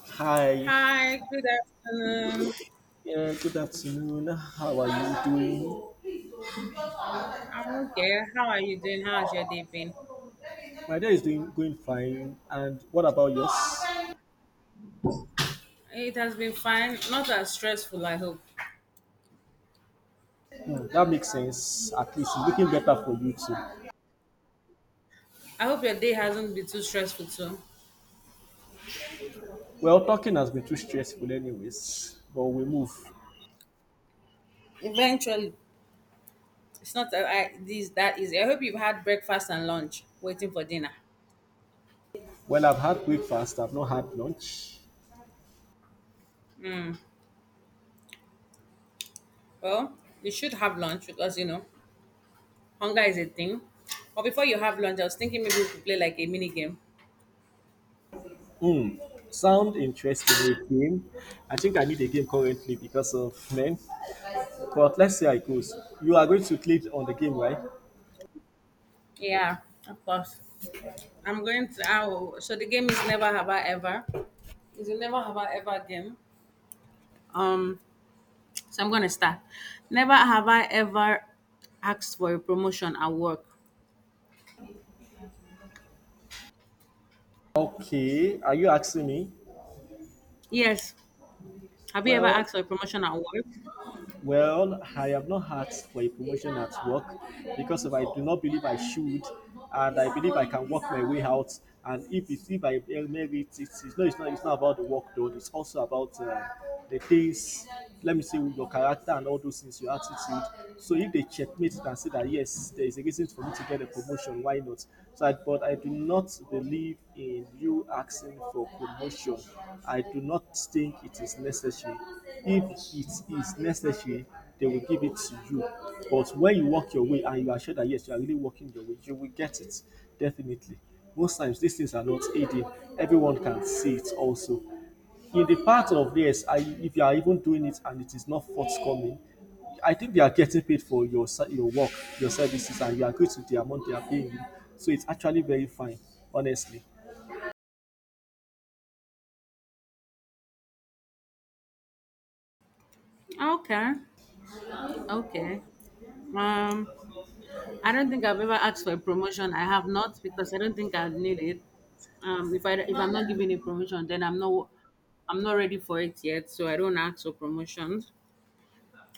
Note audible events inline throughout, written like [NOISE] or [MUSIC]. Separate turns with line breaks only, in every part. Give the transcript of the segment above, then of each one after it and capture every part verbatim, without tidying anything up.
Hi,
Hi, good afternoon.
yeah, good afternoon. How are you doing?
I'm okay. How are you doing? How has your day been?
My day is doing going fine. And what about yours?
It has been fine, not as stressful, I hope.
Hmm, that makes sense. At least it's looking better for you too.
I hope your day hasn't been too stressful too.
Well, talking has been too stressful, anyways. But we move.
Eventually, it's not that I, this that easy. I hope you've had breakfast and lunch, waiting for dinner.
Well, I've had breakfast. I've not had lunch.
Well, you should have lunch because you know hunger is a thing. But before you have lunch, I was thinking maybe we could play like a mini game.
Hmm. Sound interesting a game. I think I need a game currently because of men. But let's see how it goes. You are going to click on the game, right?
Yeah, of course. I'm going to. I will, so the game is never have I ever. It's a never have I ever game. Um, So I'm gonna start. Never have I ever asked for a promotion at work.
Okay, are you asking me?
Yes. Have you ever
Well,
asked for a promotion at work?
well, I have not asked for a promotion at work because if I do not believe I should, and I believe I can work my way out. And if it's if I merit it, it's it's not it's not it's not about the work done. It's also about uh, the things. Let me say with your character and all those things, your attitude. So if they checkmate it and say that yes, there is a reason for me to get a promotion, why? Why not? So, I, but I do not believe in you asking for promotion. I do not think it is necessary. If it is necessary, they will give it to you. But when you walk your way and you are sure that yes, you are really walking your way, you will get it definitely. Most times, these things are not hidden. Everyone can see it also in the part of yes, I, if you are even doing it and it is not forthcoming, I think they are getting paid for your your work, your services, and you agree to the amount they are paying you. So it's actually very fine, honestly.
Okay. Okay. Um, I don't think I've ever asked for a promotion. I have not because I don't think I need it. Um, if I if I'm not given a promotion, then I'm not I'm not ready for it yet. So I don't ask for promotions.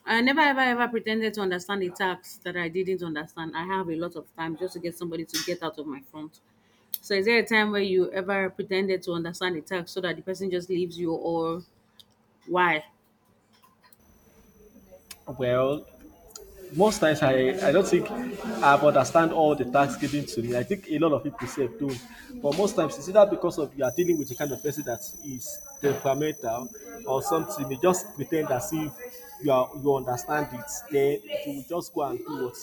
I never ever ever pretended to understand a tax that I didn't understand. I have a lot of time just to get somebody to get out of my front. So is there a time where you ever pretended to understand the text so that the person just leaves you or why?
Well, most times I, I don't think I've understand all the tasks given to me. I think a lot of people say don't. But most times it's either because of you are dealing with a kind of person that is temperamental or something. You just pretend as if you are you understand it. Then you will just go and do what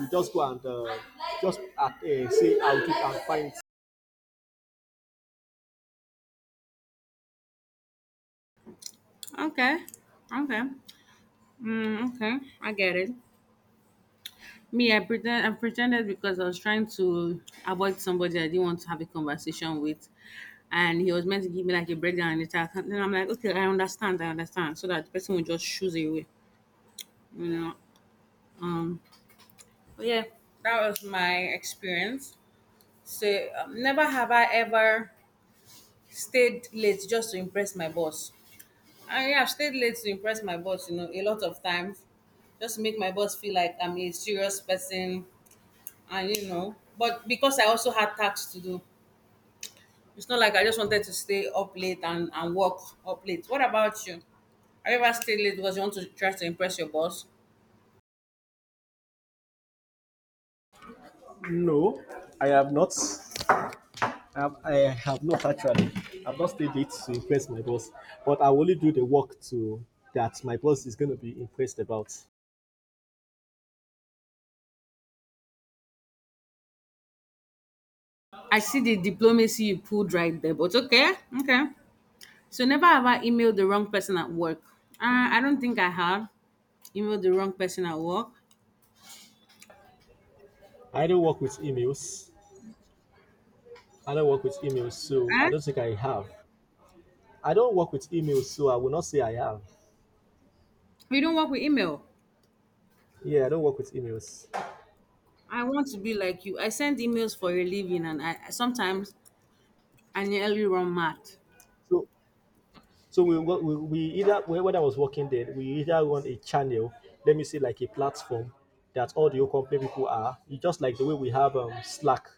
you just go and uh, just uh, uh, say I'll do it and find.
Okay. Okay. Mm, okay. I get it. Me, I pretend I pretended because I was trying to avoid somebody I didn't want to have a conversation with. And he was meant to give me like a breakdown in the text. And then I'm like, okay, I understand, I understand. So that the person would just choose away. You know? Um but yeah, that was my experience. So um, never have I ever stayed late just to impress my boss. I have stayed late to impress my boss, you know, a lot of times, just to make my boss feel like I'm a serious person, and you know, but because I also had tasks to do, it's not like I just wanted to stay up late and, and work up late. What about you? Have you ever stayed late because you want to try to impress your boss?
No, I have not. Um, I have not actually. I've not stayed late to impress my boss, but I will only do the work to that my boss is going to be impressed about.
I see the diplomacy you pulled right there, but okay, okay. So never have I emailed the wrong person at work. Uh, I don't think I have emailed the wrong person at work.
I don't work with emails. I don't work with emails, so I
Huh?
don't think I have. I don't work with emails, so I will not say I have.
We don't work with email.
Yeah, I don't work with emails.
I want to be like you. I send emails for a living, and I I- sometimes I nearly run mad.
So So we, wo- we, we either when when I was working there, we either want a channel, let me say like a platform that all the Okomple people are. It's just like the way we have um, Slack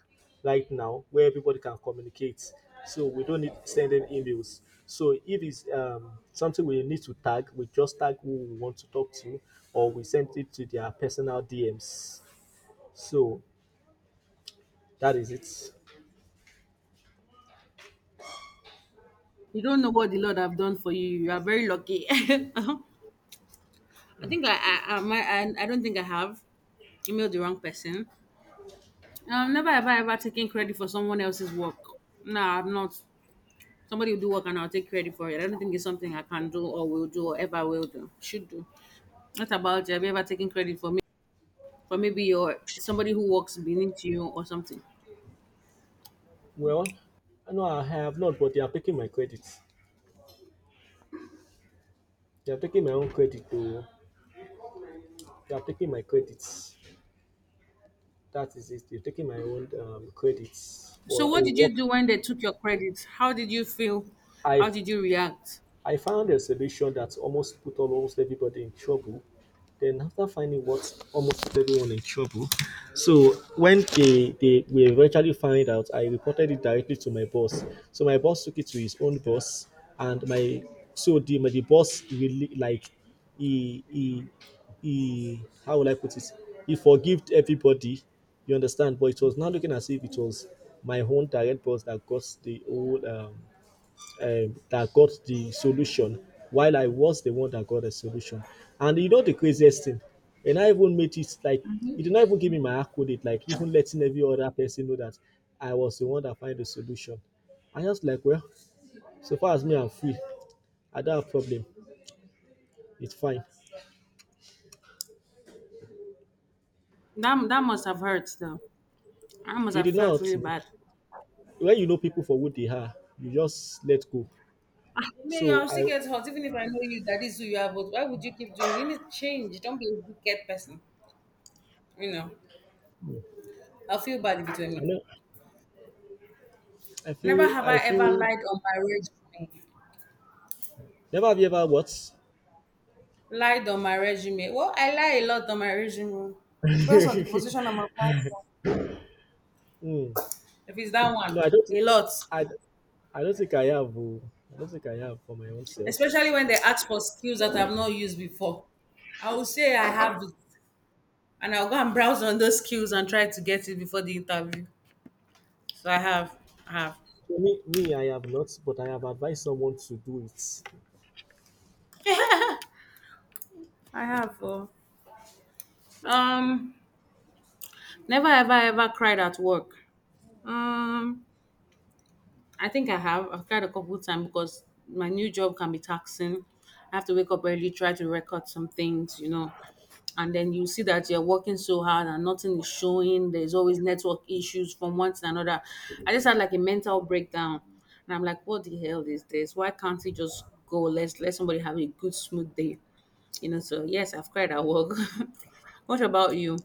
right now, where everybody can communicate. So we don't need sending emails. So if it's um, something we need to tag, we just tag who we want to talk to, or we send it to their personal D Ms. So that is it.
You don't know what the Lord have done for you. You are very lucky. [LAUGHS] I think I I, I, might- I I don't think I have emailed the wrong person. Um, never have I ever taken credit for someone else's work. No, I'm not. Somebody will do work and I'll take credit for it. I don't think it's something I can do or will do or ever will do. Should do. What about you? Have you ever taken credit for me for maybe your somebody who works beneath you or something?
Well, no, I have not, but they are taking my credit. They are taking my own credit though. You are taking my credits. That is it. You're taking my own um, credits
So
for a
what did you
work.
do when they took your credit? How did you feel? How
I've
did you react?
I found a solution that almost put almost everybody in trouble. Then after finding what almost put everyone in trouble, so when they they we eventually find out, I reported it directly to my boss. So my boss took it to his own boss, and my so the my the boss really like he he he how will I put it? He forgived everybody. You understand? But it was not looking as if it was my own direct boss that got the whole um, um, that got the solution while I was the one that got the solution. And you know the craziest thing, and I even made it like he did not even give me my accolade, like even letting every other person know that I was the one that find the solution. I just like, well, so far as me, I'm free. I don't have problem. It's fine.
That that must have hurt though. I must
He
have
did
felt
not hurt
really
me.
bad.
When you know people for what they are, you just let go.
Ah, me,
So
I'll still
I,
get hot even if I know you that is who you are. But why would you keep doing? It? You need to change. Don't be a wicked person. You know, I'll feel bad if it
I
were me.
know, I
Never
feel,
have I
I
ever
feel.
lied on my resume.
Never have you ever what?
Lied on my resume. Well, I lie a lot on my resume. Depends on the
[LAUGHS]
position I'm applying for.
Hmm.
If it's that one,
No, I don't think,
a lot.
I I don't think I have. Oh. I don't think I have for my own self.
Especially when they ask for skills that I've not used before. I will say I have it, and I'll go and browse on those skills and try to get it before the interview. So I have, I have,
So me, me, I have not, but I have advised someone to do it.
I have. Uh, um, never ever ever cried at work. Um, I think I have. I've tried a couple times because my new job can be taxing. I have to wake up early, try to record some things, you know. And then you see that you're working so hard and nothing is showing. There's always network issues from one to another. I just had like a mental breakdown. And I'm like, what the hell is this? Why can't we just go? Let's let somebody have a good smooth day. You know, so yes, I've cried at work. [LAUGHS] what about you?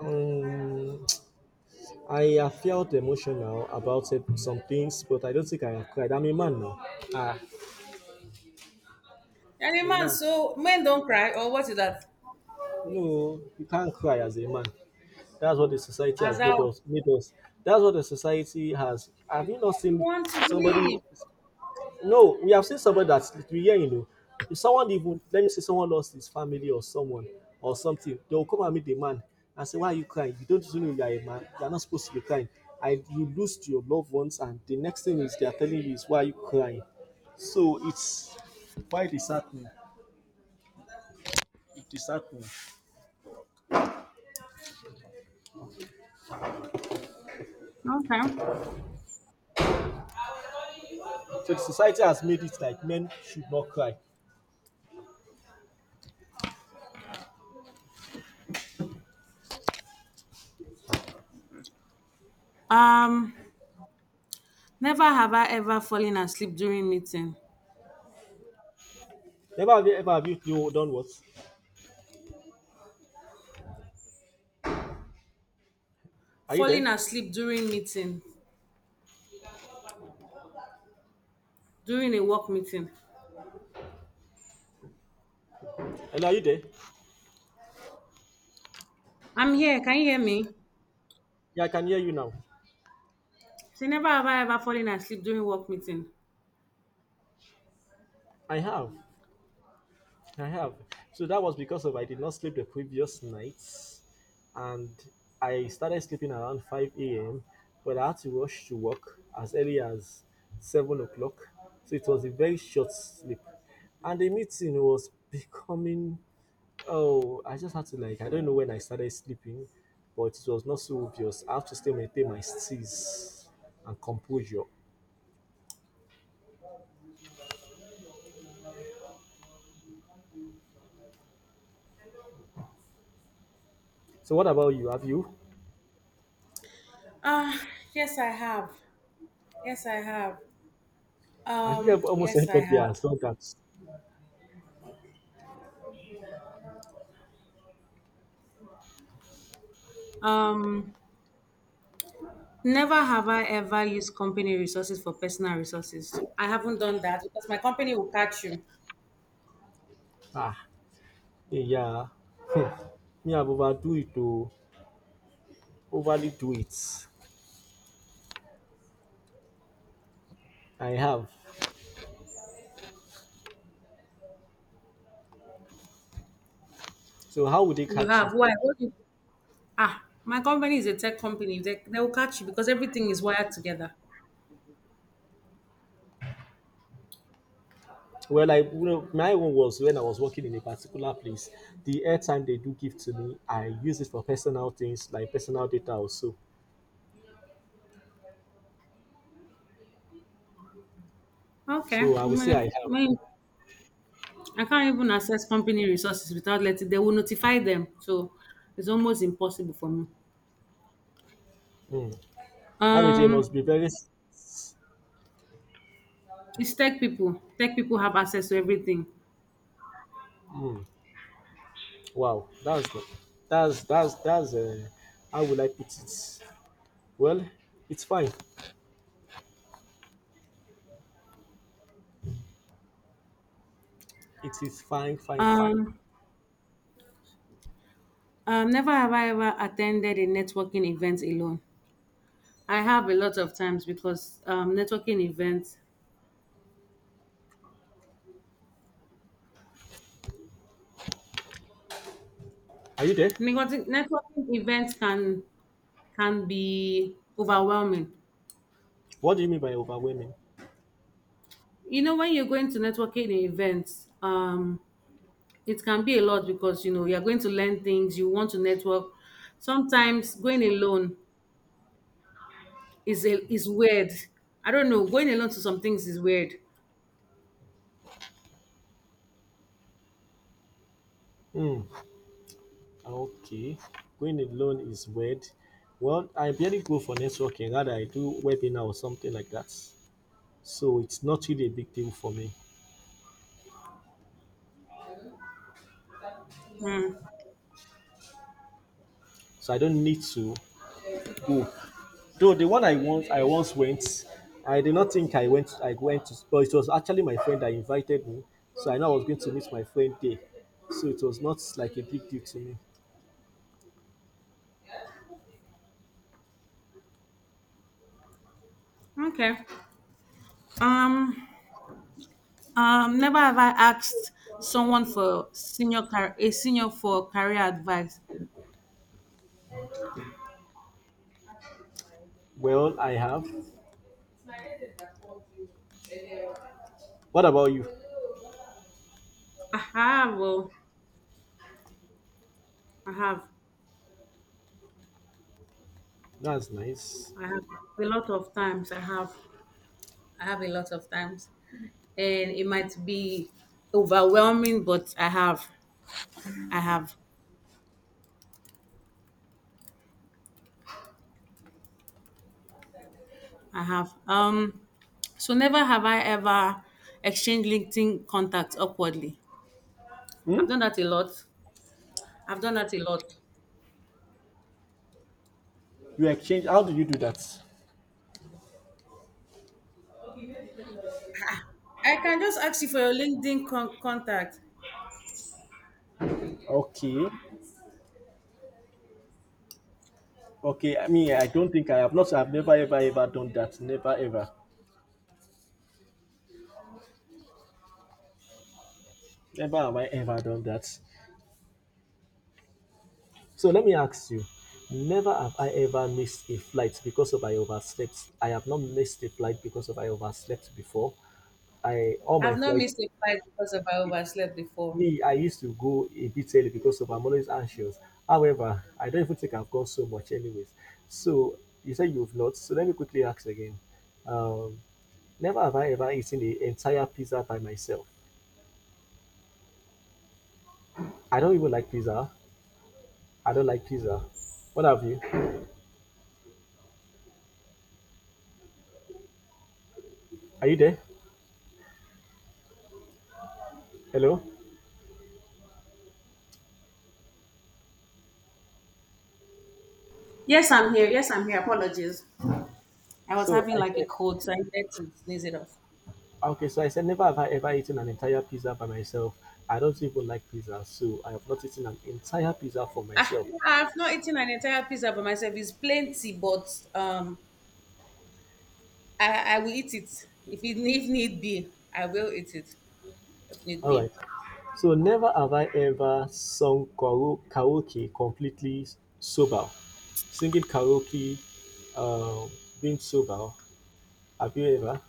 Um, I have felt emotional about it, some things, but I don't think I have cried. I'm a man now. Ah,
And a
I'm a
man,
man.
so men don't cry, or what is that?
No, you can't cry as a man. That's what the society
As
has
I,
made
what
us. Made us. That's what the society has. Have you not
you
seen
want to
somebody.
believe.
No, we have seen someone that's literally here, you know. If someone even let me say someone lost his family or someone or something, they will come and meet the man and say, why are you crying? You don't even know you are a man, you're not supposed to be crying. And you lose to your loved ones, and the next thing is they are telling you is why are you crying? So it's why it is happening. It is happening.
Okay.
So the society has made it like men should not cry.
um never have I ever fallen asleep during meeting.
Never have you ever have you, you done what? Are you there?
Falling asleep during meeting, during a work meeting.
Hello, are you there?
I'm here, can you hear me?
Yeah, I can hear you now.
Say never have I ever fallen asleep during work meeting.
I have. I have. So that was because of I did not sleep the previous nights, and I started sleeping around five a m. But I had to rush to work as early as seven o'clock, so it was a very short sleep. And the meeting was [LAUGHS] becoming oh, I just had to like I don't know when I started sleeping, but it was not so obvious. I have to still maintain my steeze and composure. So what about you? Have you?
Ah, yes I have. yes i have
I think
um
I've almost [LAUGHS]
yes i
everybody
have
has done that.
um Never have I ever used company resources for personal resources. I haven't done that because my company will catch you.
Ah, yeah, [LAUGHS] me, I've overdo it though, overly do it. I have. So how would they
You
catch you?
have? Why, what do you, ah my company is a tech company. They, they will catch you because everything is wired together.
Well, I you know my own was when I was working in a particular place. The airtime they do give to me, I use it for personal things like personal data also. So So,
Okay.
I would say I
My,
have.
my, I can't even access company resources without letting they will notify them. So it's almost impossible for me.
Hmm. That means they
Um,
must be very. S-
it's tech people. Tech people have access to everything.
wow, that's the, that's that's that's uh, how would I put it? Well, it's fine. It is fine, fine, fine.
Um, um, never have I ever attended a networking event alone. I have a lot of times because um, networking events,
Are you there?
networking networking events can can be overwhelming.
What do you mean by overwhelming?
You know, when you're going to networking events, um, it can be a lot because you know you're going to learn things, you want to network. Sometimes going alone is a, is weird. I don't know. Going alone to some things is weird.
Hmm. Okay, going it alone is weird. Well, I barely go for networking. Rather, I do webinar or something like that. So it's not really a big deal for me.
Mm,
So I don't need to go. Though the one I once I once went, I did not think I went. I went to, but it was actually my friend that invited me. So I know I was going to meet my friend there. So it was not like a big deal to me.
okay. Um. Um. Never have I asked someone for senior car- a senior for career advice.
Well, I have. What about you?
I have. Oh, I have.
That's nice.
I have a lot of times. I have. I have a lot of times, and it might be overwhelming, but I have. I have. I have. Um, so never have I ever exchanged LinkedIn contacts awkwardly.
Hmm?
I've done that a lot. I've done that a lot.
You exchange? How do you do that?
I can just ask you for your LinkedIn con- contact.
Okay. Okay, I mean, I don't think I have not, I've never ever ever done that. Never ever. Never have I ever done that. So let me ask you never have I ever missed a flight because of I overslept. I have not missed a flight because of I overslept before. I all my
I've not
flights
missed a flight because of I overslept before.
me, I used to go a bit early because of I'm always anxious. However, I don't even think I've gone so much anyways. So you said you've not, so let me quickly ask again. Um, never have I ever eaten the entire pizza by myself. I don't even like pizza. I don't like pizza. What have you? Are you there? Hello?
Yes, I'm here. Yes, I'm here. Apologies. I was
So
having
I
like a
said,
cold, so I needed to sneeze it off.
okay, so I said, never have I ever eaten an entire pizza by myself. I don't even like pizza, so I have not eaten an entire pizza for
Ah,
myself.
yeah, I've not eaten an entire pizza by myself. It's plenty, but um, I, I will eat it if it if need be. I will eat it if need
All
be.
right. So never have I ever sung karo- karaoke completely sober. Singing karaoke, uh, being sober. Have you ever?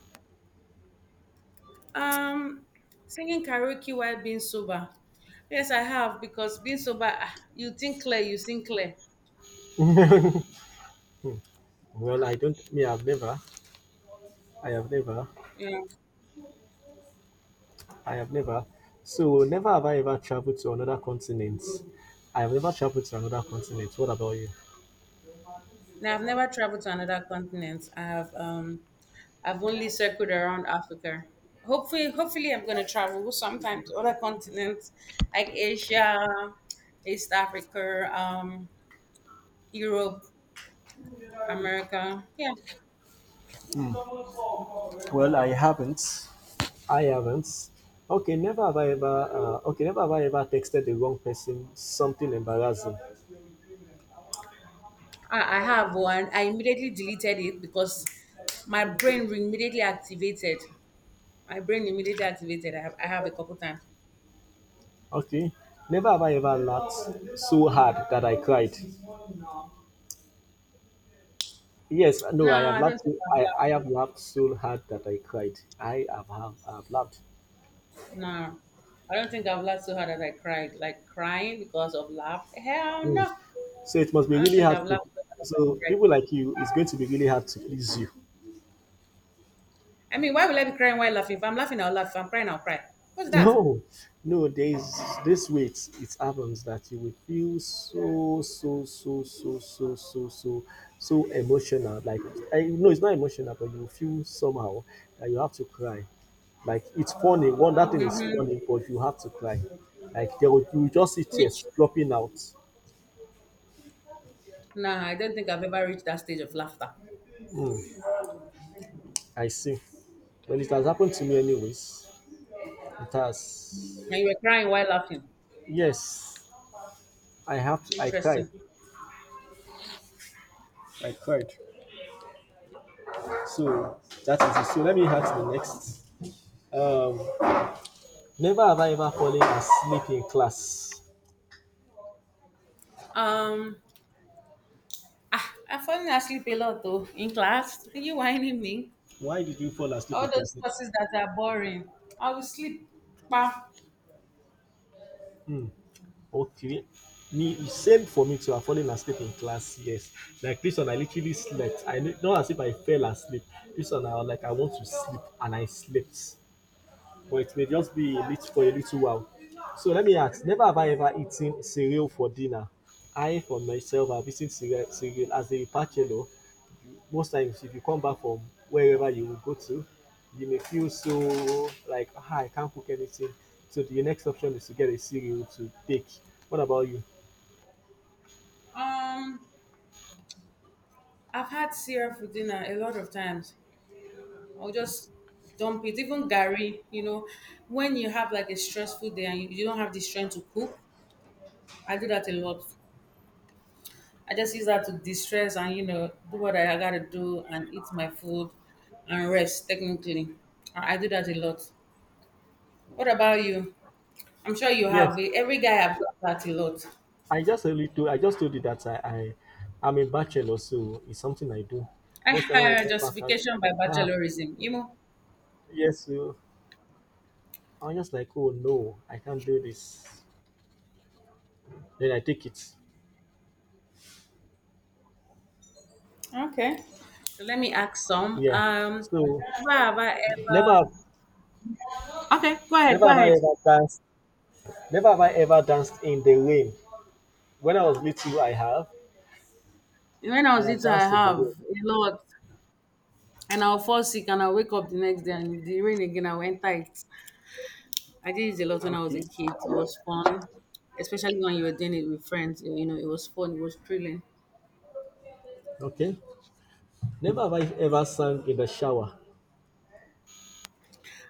Um, singing karaoke while being sober. Yes, I have because being sober, ah, you think clear, you sing clear.
Well, I don't. Me, I've never. I have never.
Yeah.
I have never. So, never have I ever traveled to another continent. I have never traveled to another continent. What about you?
Now I've never traveled to another continent. I have um, I've only circled around Africa. Hopefully, hopefully I'm gonna travel sometimes to other continents like Asia, East Africa, um, Europe, America. Yeah,
Well, I haven't. I haven't. Okay, never have I ever. Uh, okay, never have I ever texted the wrong person something embarrassing.
I, I have one. I immediately deleted it because my brain immediately activated. My brain immediately activated. I have, I have a couple times.
Okay, never have I ever laughed so hard that I cried. Yes, no,
No,
I have
I don't
laughed.
think
So,
I've
I
laughed.
I have laughed so hard that I cried. I have have, have laughed.
No, I don't think I've laughed so hard that I cried. Like crying because of laugh. Hell
Hmm.
no.
So it must be
I don't
really
think I've
hard to.
laughed so hard that
So
I cried.
people like you, it's going to be really hard to please you.
I mean, why will I be crying while laughing? If I'm laughing, I'll laugh. If I'm crying, I'll cry. What's
[LAUGHS]
that?
No, no, there's this way it's, it happens that you will feel so, so, so, so, so, so, so, so emotional. Like, I know it's not emotional, but you feel somehow that you have to cry. Like, it's funny. One, that thing is
Mm-hmm.
funny, but you have to cry. Like, there will, you will just see
Which?
tears dropping out.
Nah, I don't think I've ever reached that stage of laughter.
Mm, I see. Well, it has happened to me, anyways. It has.
And you were crying while laughing.
Yes, I have to. I cried.
Interesting.
I cried. So that is it. So let me ask the next. Um, Never have I ever fallen asleep in class.
Um, ah, I've fallen asleep a lot though in class. Are you whining me?
Why did you fall asleep in
All those
class?
courses that are boring. I will sleep. Pa.
Okay. Me, same for me too. I've fallen asleep in class. Yes, like this one, I literally slept. I kn- not as if I fell asleep. This one, I was like I want to sleep and I slept, but it may just be a little for a little while. So let me ask: never have I ever eaten cereal for dinner. I, for myself, have eaten cereal, cereal as a bachelor most times. If you come back from wherever you go to, you may feel so like, ah, I can't cook anything. So the next option is to get a cereal to take. What about you?
Um, I've had cereal for dinner a lot of times. I'll just dump it. Even Gary, you know, when you have like a stressful day and you you don't have the strength to cook, I do that a lot. I just use that to distress and you know do what I gotta do and eat my food and rest. Technically, I I do that a lot. What about you? I'm sure you
Yes,
have. Every guy I've done that a lot.
I just only do. I just told you that I, I I'm a bachelor, so it's something I do.
[LAUGHS] I
Most time when I
had
come back, I just
justification by
like, ah,
bachelorism. You know.
yes, so I'm just like, oh no, I can't do this. Then I take it.
Okay. So let me ask some.
Yeah.
Um,
So
have I
never,
ever? Okay, go ahead.
never
Go
have I
ahead.
ever danced. Never have I ever danced in the rain. When I was little, I have.
When I
I
was
have
little, I
danced in the
have
rain.
a lot, and I'll fall sick, and I'll wake up the next day, and if the rain again, I went tight. I did it a lot when I was a
Okay.
kid. It was fun, especially when you were doing it with friends. You know, it was fun. It was thrilling.
Okay. Never have I ever sung in the shower.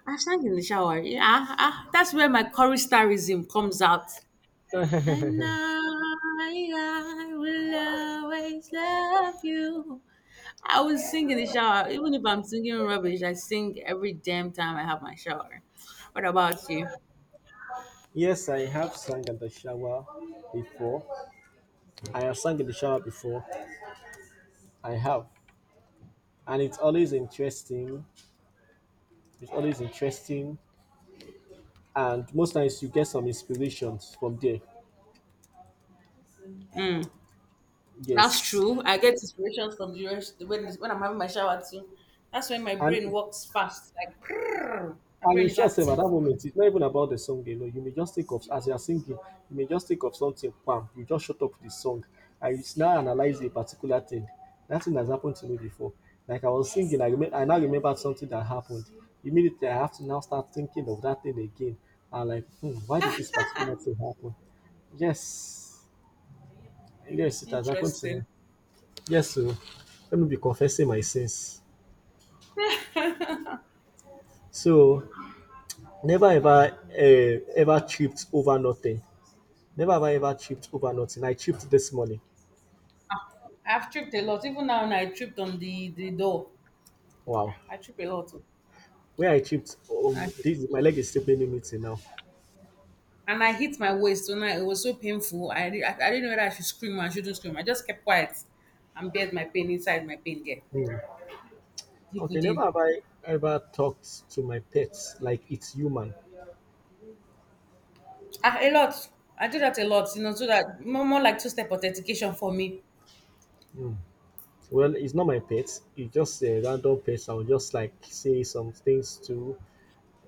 I sang in the shower. Yeah, ah, ah, that's where my choristerism comes out. And
[LAUGHS]
I, I will always love you. I would sing in the shower. Even if I'm singing rubbish, I sing every damn time I have my shower. What about you?
Yes, I have sung in the shower before. I have sung in the shower before. I have. And it's always interesting. It's always interesting. And most times you get some inspirations from there.
That's
Yes.
true. I get inspiration from the rest when, when I'm having my shower too. That's when my
And
brain works fast. Like, prrr, my
And
brain
in
is
short sef, at
active.
that moment, it's not even about the song alone. You may just think of. As you are singing, you may just think of something, bam, you just shut up the song and you now analyze a particular thing. That thing has happened to me before. Like I was singing, I, rem- I now remembered something that happened. Immediately, I have to now start thinking of that thing again. And like, hmm, why did this particular thing happen? Yes, yes, it has happened to
Interesting.
me. Yes, so let me be confessing my sins. So never ever uh, ever tripped over nothing. Never have I ever chipped overnight, and I chipped this morning.
I've tripped a lot. Even now, when I tripped on the, the door. Ah,
Wow.
I trip a lot, oh.
Where I chipped, um,
I-
this, my leg is still paining me till now.
And I hit my waist, so now it was so painful. I, di- I, I didn't know whether I should scream or I shouldn't scream. I just kept quiet and bared my pain inside my pain there.
Hmm.
Deep
Okay, never
within.
have I ever talked to my pets like it's human.
Ah, a lot. I do that a lot, you know, so that more, more like two step authentication for me.
Well, it's not my pet. It's just a random pet. I will just like say some things to.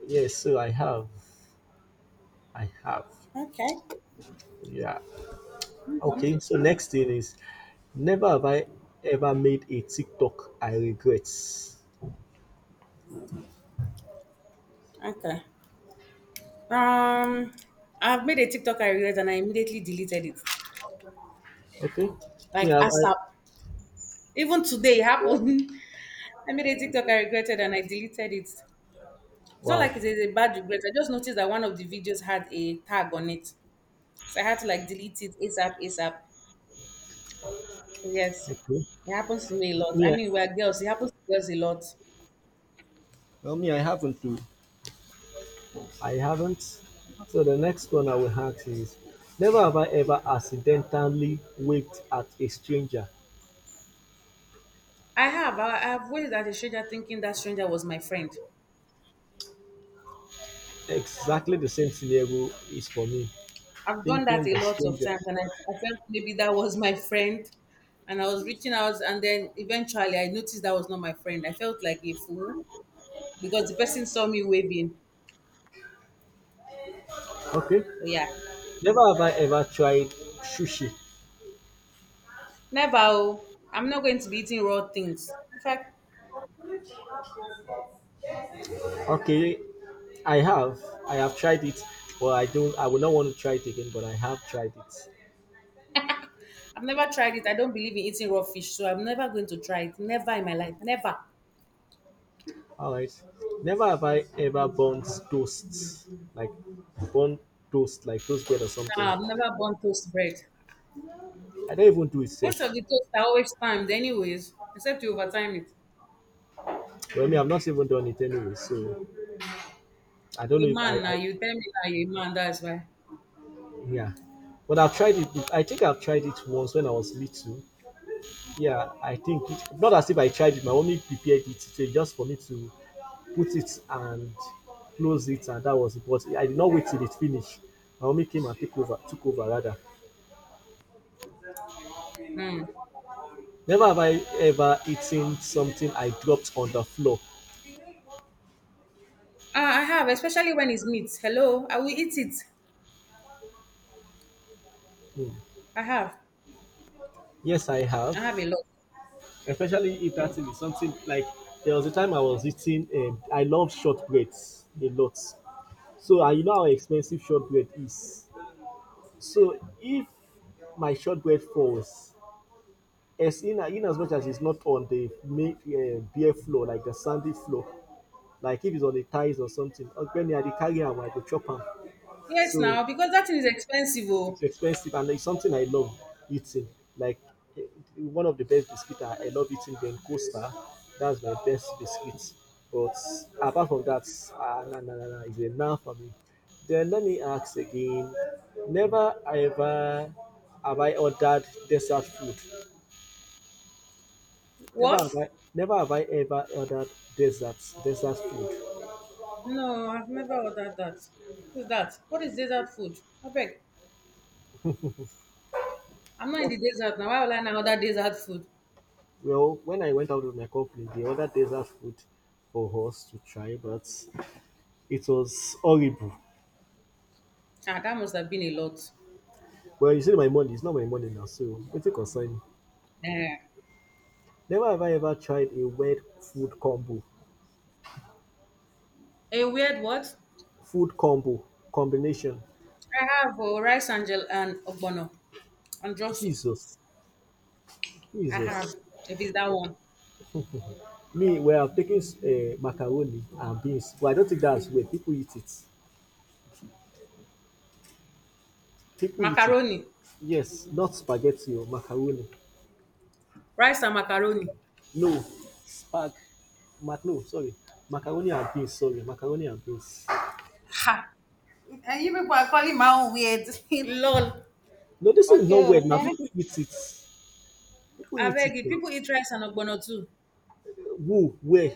Yes, so I have. I have.
Okay.
Yeah.
Okay.
Okay, so next thing is never have I ever made a TikTok I regret.
Okay. Um, I've made a TikTok I regret and I immediately deleted it.
Okay. Me
Like
have I.
ASAP. Even today it
Yeah.
happened. [LAUGHS] I made a TikTok I regretted and I deleted it. It's not
Wow.
like it's a a bad regret. I just noticed that one of the videos had a tag on it. So I had to like delete it ASAP, ASAP. So yes,
Okay.
it happens to me a lot. I
Me,
mean, we're girls. It happens to girls a lot.
well, me, I haven't too. I haven't. So the next one I will ask is: never have I ever accidentally waved at a stranger.
I have. I, I've waved at a stranger thinking that stranger was my friend.
Exactly the same scenario is for me.
I've done that
Thinking
a
the
lot of
stranger.
times, and I, I felt maybe that was my friend. And I was reaching out, and then eventually I noticed that was not my friend. I felt like a fool because the person saw me waving.
Okay.
So, yeah,
Never have I ever tried sushi.
never, oh. I'm not going to be eating raw things. In fact,
Okay. I have. I have tried it, but I don't I will not want to try it again, but I have tried it.
I've never tried it. I don't believe in eating raw fish, so I'm never going to try it. Never in my life. Never.
Alright. Never have I ever burnt toast. Like burnt toast, like toast bread or something.
Nah, I've never burned toast bread.
I don't even do it
Most of
safe.
the toast are always timed, anyways, except you overtime it.
Well, me, I've not even done it anyway, so I don't
A
know if I,
man now,
I
you tell me now you're a man, that's why.
yeah. But I've tried it. I think I've tried it once when I was little. Yeah, I think it, not as if I tried it. My mommy prepared it so just for me to put it and close it, and that was it. But I did not wait till it finished. My mommy came and took over. Took over rather.
Mm.
Never have I ever eaten something I dropped on the floor.
Ah, I have, especially when it's meat. Hello, I will eat it.
Hmm.
I have.
Yes, I
I
have.
have a lot.
Especially if that thing is something like there was a time I was eating. Um, I love shortbreads a lot. So I, you know how expensive shortbread is. So if my shortbread falls, as in, in as much as it's not on the main uh, bare floor, like the sandy floor, like if it's on the ties or something, uh, when I dey carry am, I go chop am.
Yes,
So
now, because that thing is expensive. Oh.
it's expensive and it's something I love eating. Like eh, one of the best biscuits I, I love eating then Costa. That's my best biscuit. But apart from that, ah, nah, nah, nah, nah, it's enough for me. Then let me ask again. Never ever have I ordered dessert food. Never
What?
have I never have I ever ordered desserts dessert food.
No, I've never ordered that. What's that? What is desert food? I beg. I'm not in the desert now. Why will I now order desert food?
Well, when I went out with my company, they ordered dessert food for us to try, but it was horrible.
Ah, that must have been a lot.
Well, you see my money, it's not my money now, so it's a concern.
Eh.
Never have I ever tried a weird food combo.
A weird what?
Food combo combination.
I have, oh, rice and, gel- and ogbono and draw soup.
Jesus.
I
Jesus.
have, if it's that one.
[LAUGHS] Me, well, I'm taking uh, macaroni and beans. Well, I don't think that's where people eat it. People eat it.
Macaroni.
Yes, not spaghetti or macaroni.
Rice and macaroni.
No, spag. Mac, no, sorry. Macaroni and beans, sorry. Macaroni and beans.
Ha! And you people are calling my own weird. [LAUGHS] Lol.
No, this is
Okay,
not
oh,
weird now. People
next.
eat it. People
I
eat it
beg you.
now.
People eat rice and ogbono too.
Who? Where?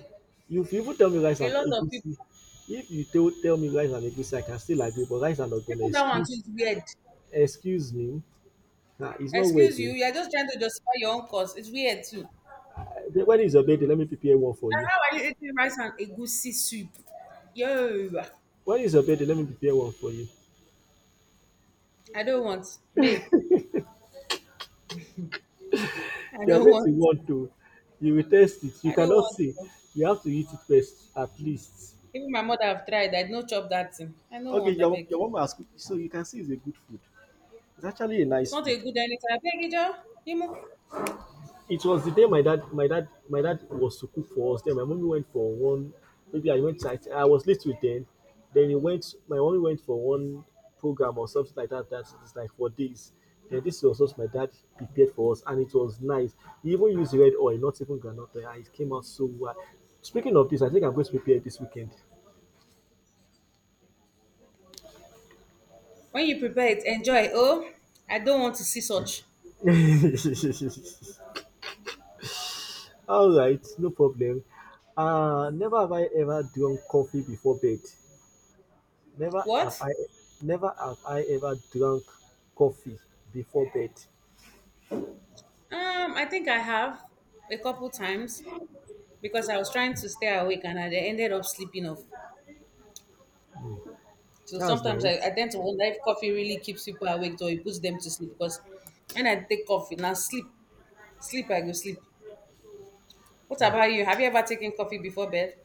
If you even tell me rice
A
and
lot of
egusi,
people.
if you tell tell me rice and egusi, I can still agree. But rice and ogbono,
People that want to
excuse
eat weird.
excuse me, nah, it's not weird
Excuse you.
o.
You're just trying to justify your own cause. It's weird too. And
Um, when is your birthday? Let me prepare one for you.
how are you eating rice and egusi soup? Yo,
When is your birthday? Let me prepare one for you.
I don't want. Me, I
You are
don't
going to
want.
want to. You will taste it. You
I don't
cannot
want.
see. You have to eat it first, at least.
Even my mother have tried. I no chop that thing. I don't
Okay,
want. I
your
beg.
your mama has cooked, so you can see it's a good food. It's actually a
It's
nice
not
food.
a good anything. I beg you, Imu.
It was the day my dad, my dad, my dad was to cook for us. Then my mommy went for one. Maybe I went. I, I was little then. Then he went. My mommy went for one program or something like that. That is like for days. Then this was what my dad prepared for us, and it was nice. He even used red oil, not even granite oil. Ah, it came out so well. Speaking of this, I think I'm going to prepare this weekend.
When you prepare it, enjoy. Oh, I don't want to see such.
[LAUGHS] All right, no problem. Uh, never have I ever drunk coffee before bed. Never have
What?
I Never have I ever drunk coffee before bed.
Um, I think I have a couple times because I was trying to stay awake and I ended up sleeping off. So
That's
sometimes I, I
nice.
tend to wonder if coffee really keeps people awake or it puts them to sleep because when I take coffee, now sleep, sleep, I go sleep. What
Mm.
about you? Have you ever taken coffee before bed?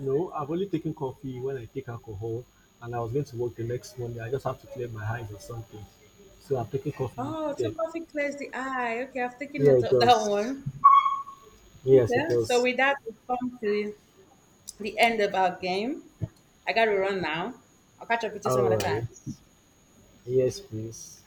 No, I've only taken coffee when I take alcohol and I was going to work the next morning. I just have to clear my eyes or something. So I'm taking coffee
Oh, so
then.
coffee clears the eye. Okay, I've taken
Yeah,
note
it
of that
does.
one.
Yes, it
Okay, so
does.
with that, we've come to the end of our game. I gotta run now. I'll catch up with you some other
All right.
time.
Yes, please.